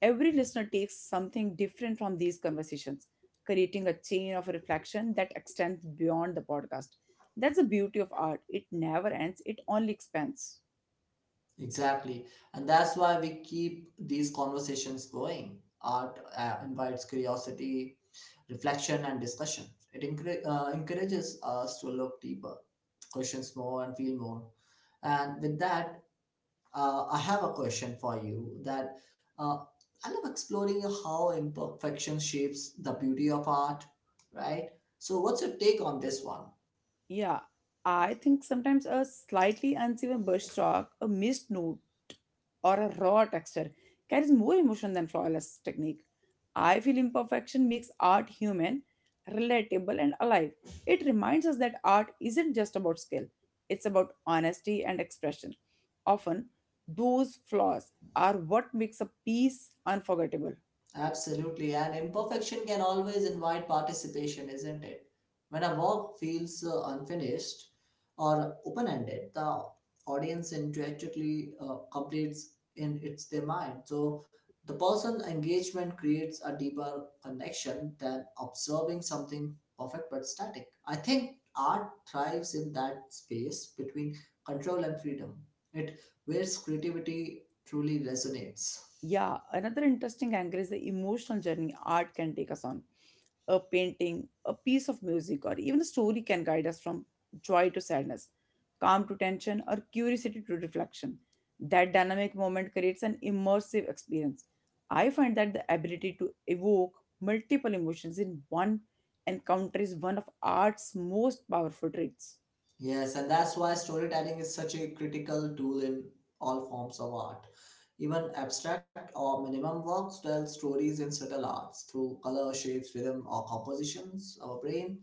Speaker 1: Every listener takes something different from these conversations, creating a chain of reflection that extends beyond the podcast. That's the beauty of art. It never ends, it only expands.
Speaker 2: Exactly. And that's why we keep these conversations going. Art uh, invites curiosity, reflection, and discussion. It encour- uh, encourages us to look deeper, questions more, and feel more. And with that, uh, I have a question for you that uh, I love exploring how imperfection shapes the beauty of art, right? So, what's your take on this one?
Speaker 1: Yeah, I think sometimes a slightly unseven brushstroke, a missed note, or a raw texture carries more emotion than flawless technique. I feel imperfection makes art human, relatable, and alive. It reminds us that art isn't just about skill, it's about honesty and expression. Often, those flaws are what makes a piece unforgettable.
Speaker 2: Absolutely, and imperfection can always invite participation, isn't it? When a work feels uh, unfinished or open ended, the audience intuitively uh, completes in its their mind. So the person engagement creates a deeper connection than observing something perfect but static. I think art thrives in that space between control and freedom. It where creativity truly resonates.
Speaker 1: Yeah, another interesting angle is the emotional journey art can take us on. A painting, a piece of music, or even a story can guide us from joy to sadness, calm to tension, or curiosity to reflection. That dynamic moment creates an immersive experience. I find that the ability to evoke multiple emotions in one encounter is one of art's most powerful traits.
Speaker 2: Yes, and that's why storytelling is such a critical tool in all forms of art. Even abstract or minimum works tell stories in subtle arts through color, shapes, rhythm, or compositions. Our brain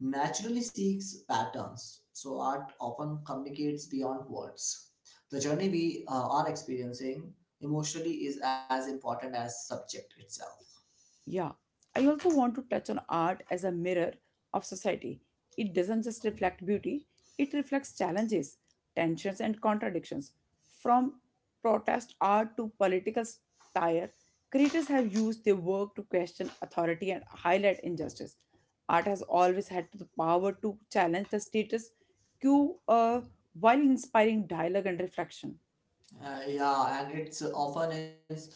Speaker 2: naturally seeks patterns, so art often communicates beyond words. The journey we uh, are experiencing emotionally is as important as subject itself.
Speaker 1: Yeah, I also want to touch on art as a mirror of society. It doesn't just reflect beauty, it reflects challenges, tensions, and contradictions. From protest art to political satire, creators have used their work to question authority and highlight injustice. Art has always had the power to challenge the status quo, uh, while inspiring dialogue and reflection.
Speaker 2: Uh, yeah, and it's often in,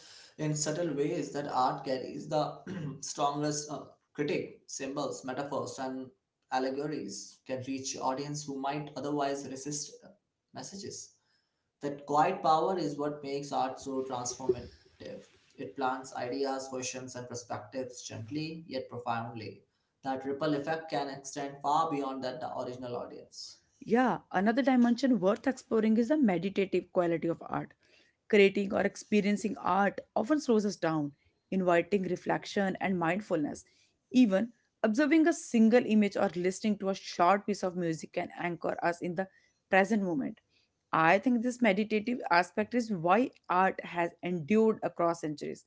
Speaker 2: in subtle ways that art carries the strongest uh, critic. Symbols, metaphors, and allegories can reach audience who might otherwise resist uh, messages. That quiet power is what makes art so transformative. It plants ideas, questions, and perspectives gently yet profoundly. That ripple effect can extend far beyond that the original audience.
Speaker 1: Yeah, another dimension worth exploring is the meditative quality of art. Creating or experiencing art often slows us down, inviting reflection and mindfulness. Even observing a single image or listening to a short piece of music can anchor us in the present moment. I think this meditative aspect is why art has endured across centuries.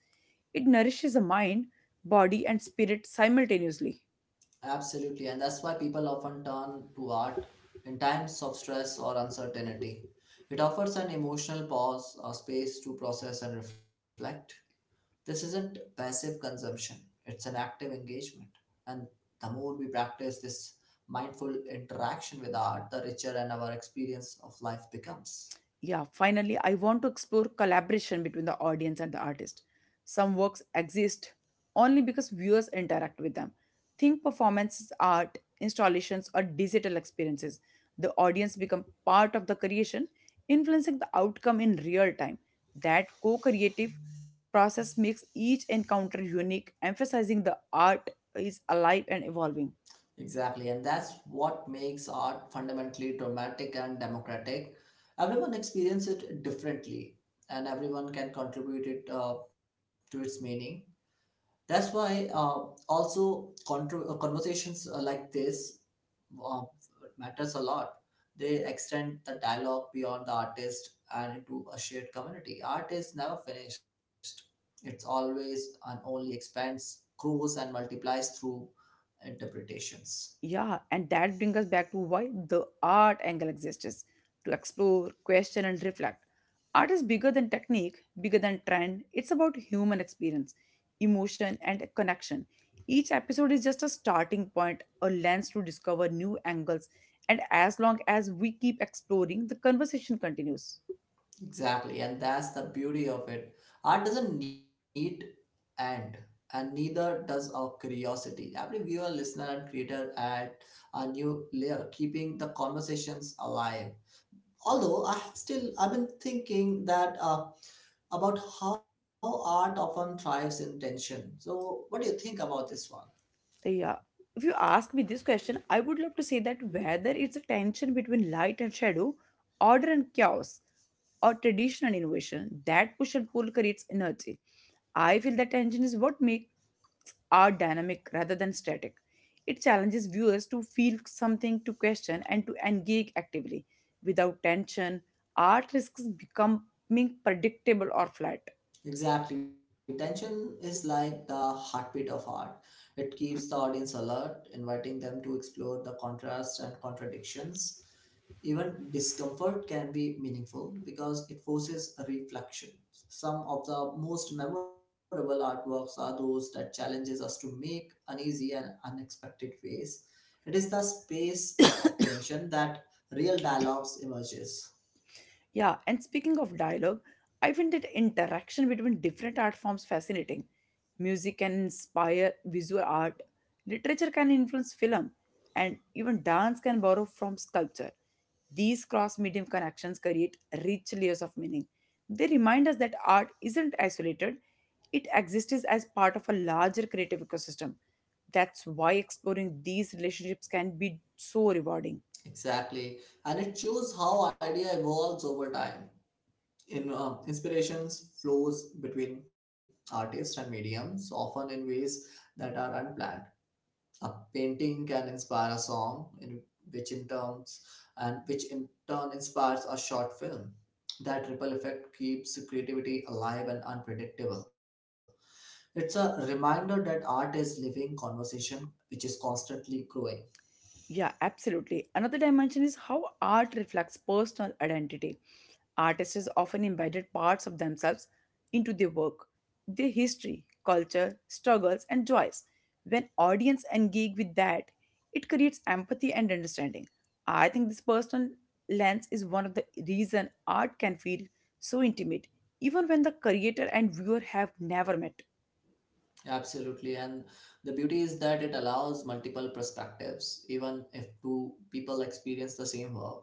Speaker 1: It nourishes the mind, body, and spirit simultaneously.
Speaker 2: Absolutely, and that's why people often turn to art in times of stress or uncertainty. It offers an emotional pause, a space to process and reflect. This isn't passive consumption, it's an active engagement. And the more we practice this mindful interaction with art, the richer and our experience of life becomes.
Speaker 1: Yeah, finally, I want to explore collaboration between the audience and the artist. Some works exist only because viewers interact with them. Think performances, art, installations, or digital experiences. The audience become part of the creation, influencing the outcome in real time. That co creative process makes each encounter unique, emphasizing the art is alive and evolving.
Speaker 2: Exactly, and that's what makes art fundamentally dramatic and democratic. Everyone experiences it differently, and everyone can contribute it uh, to its meaning. That's why uh, also contro- uh, conversations uh, like this uh, matters a lot. They extend the dialogue beyond the artist and into a shared community. Art is never finished. It's always and only expands, grows, and multiplies through interpretations.
Speaker 1: Yeah, and that brings us back to why the art angle exists to explore, question, and reflect. Art is bigger than technique, bigger than trend. It's about human experience, emotion, and connection. Each episode is just a starting point, a lens to discover new angles, and as long as we keep exploring, the conversation continues.
Speaker 2: Exactly, and that's the beauty of it. Art doesn't need end, and neither does our curiosity. Every viewer, listener, and creator add a new layer, keeping the conversations alive. Although I have still, I've been thinking that uh, about how art often thrives in tension. So, what do you think about this one?
Speaker 1: Yeah. If you ask me this question, I would love to say that whether it's a tension between light and shadow, order and chaos, or tradition and innovation, that push and pull creates energy. I feel that tension is what makes art dynamic rather than static. It challenges viewers to feel something, to question, and to engage actively. Without tension, art risks becoming predictable or flat.
Speaker 2: Exactly. Tension is like the heartbeat of art. It keeps the audience alert, inviting them to explore the contrasts and contradictions. Even discomfort can be meaningful because it forces a reflection. Some of the most memorable artworks are those that challenges us to make uneasy and unexpected ways. It is the space of tension that real dialogues emerges.
Speaker 1: Yeah, and speaking of dialogue, I find that interaction between different art forms fascinating. Music can inspire visual art, literature can influence film, and even dance can borrow from sculpture. These cross medium connections create rich layers of meaning. They remind us that art isn't isolated, it exists as part of a larger creative ecosystem. That's why exploring these relationships can be so rewarding.
Speaker 2: Exactly. And it shows how idea evolves over time in uh, inspirations flows between artists and mediums often in ways that are unplanned a painting can inspire a song in which in terms and which in turn inspires a short film that ripple effect keeps creativity alive and unpredictable it's a reminder that art is living conversation which is constantly growing.
Speaker 1: Yeah, absolutely. Another dimension is how art reflects personal identity. Artists often embedded parts of themselves into their work, their history, culture, struggles, and joys. When audience engage with that, it creates empathy and understanding. I think this personal lens is one of the reason art can feel so intimate, even when the creator and viewer have never met.
Speaker 2: Absolutely. And the beauty is that it allows multiple perspectives, even if two people experience the same work.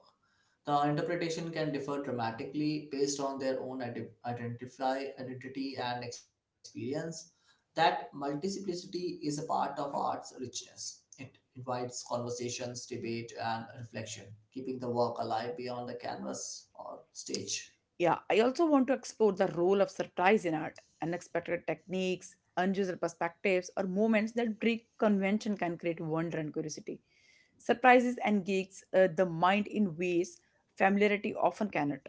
Speaker 2: The interpretation can differ dramatically based on their own ide- identify identity and experience. That multiplicity is a part of art's richness. It invites conversations, debate, and reflection, keeping the work alive beyond the canvas or stage.
Speaker 1: Yeah, I also want to explore the role of surprise in art, unexpected techniques, unusual perspectives, or moments that break convention can create wonder and curiosity. Surprises engage uh, the mind in ways familiarity often cannot.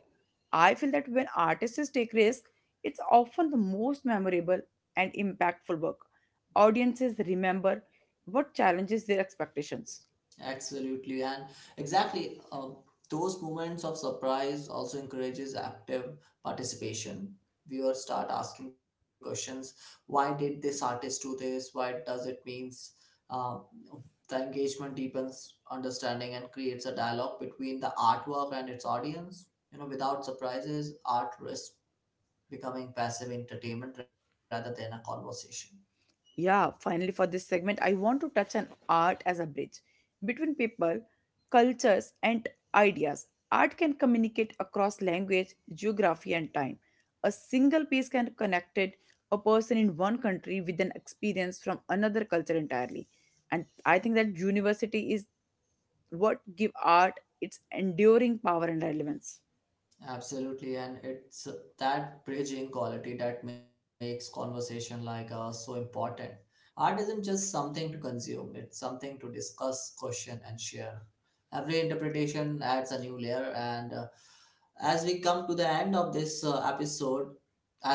Speaker 1: I feel that when artists take risks, it's often the most memorable and impactful work. Audiences remember what challenges their expectations.
Speaker 2: Absolutely, and exactly. Uh, those moments of surprise also encourages active participation. Viewers start asking questions: Why did this artist do this? Why does it means? Uh, the engagement deepens understanding and creates a dialogue between the artwork and its audience. You know, without surprises, art risks becoming passive entertainment rather than a conversation.
Speaker 1: Yeah, finally, for this segment, I want to touch on art as a bridge between people, cultures, and ideas. Art can communicate across language, geography, and time. A single piece can connect it, a person in one country with an experience from another culture entirely. And I think that university is what give art its enduring power and relevance.
Speaker 2: Absolutely, and it's that bridging quality that makes conversation like us so important. Art isn't just something to consume, it's something to discuss, question, and share. Every interpretation adds a new layer, and uh, as we come to the end of this uh, episode,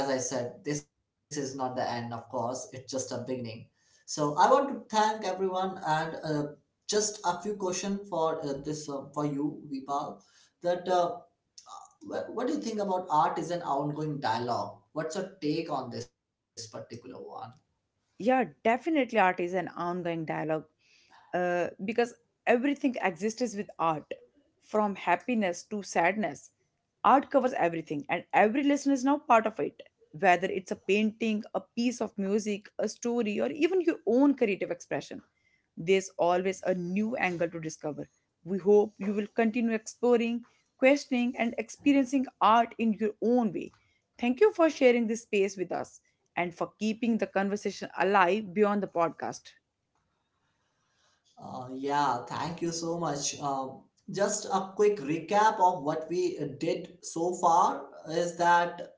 Speaker 2: as I said, this is not the end, of course, it's just a beginning. So, I want to thank everyone and uh, just a few questions for uh, this uh, for you, Vipal, that. Uh, Wh- What do you think about art is an ongoing dialogue? What's your take on this particular one?
Speaker 1: Yeah, definitely art is an ongoing dialogue uh, because everything exists with art, from happiness to sadness, art covers everything and every lesson is now part of it, whether it's a painting, a piece of music, a story or even your own creative expression. There's always a new angle to discover. We hope you will continue exploring, questioning and experiencing art in your own way. Thank you for sharing this space with us and for keeping the conversation alive beyond the podcast.
Speaker 2: Uh, yeah, thank you so much. Um, just a quick recap of what we uh, did so far is that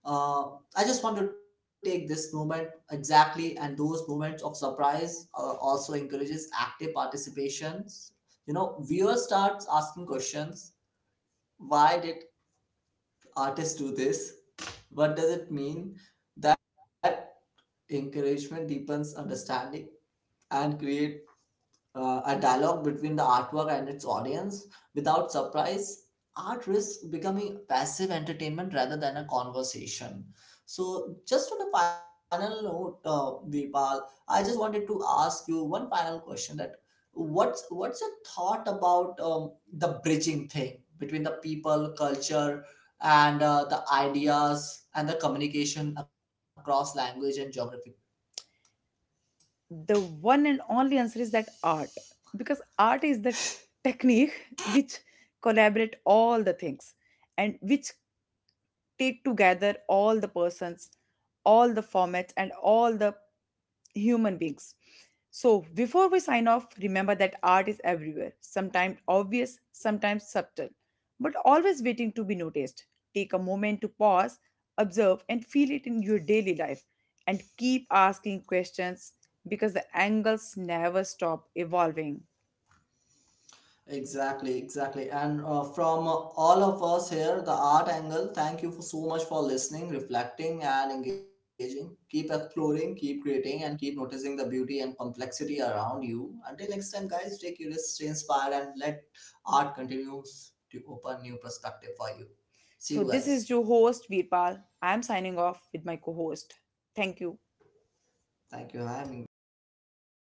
Speaker 2: uh, I just want to take this moment exactly, and those moments of surprise uh, also encourages active participations. You know, viewers starts asking questions. Why did artists do this? What does it mean? That encouragement deepens understanding and creates uh, a dialogue between the artwork and its audience without surprise art risks becoming passive entertainment rather than a conversation. So just on a final note, uh, Vipal, I just wanted to ask you one final question that what's what's your thought about um, the bridging thing between the people culture and uh, the ideas and the communication across language and geographical.
Speaker 1: The one and only answer is that art, because art is the technique which collaborate all the things, and which take together all the persons, all the formats and all the human beings. So, before we sign off, remember that art is everywhere, sometimes obvious, sometimes subtle, but always waiting to be noticed. Take a moment to pause, observe, and feel it in your daily life, and keep asking questions because the angles never stop evolving.
Speaker 2: Exactly, exactly. And uh, from uh, all of us here, the art angle, thank you for so much for listening, reflecting, and engaging. Keep exploring, keep creating, and keep noticing the beauty and complexity around you. Until next time, guys, stay curious, stay inspired, and let art continue to open new perspective for you. See
Speaker 1: So,
Speaker 2: you
Speaker 1: this
Speaker 2: guys.
Speaker 1: is your host, Virpal. I am signing off with my co host. Thank you.
Speaker 2: Thank you. I mean, thank you.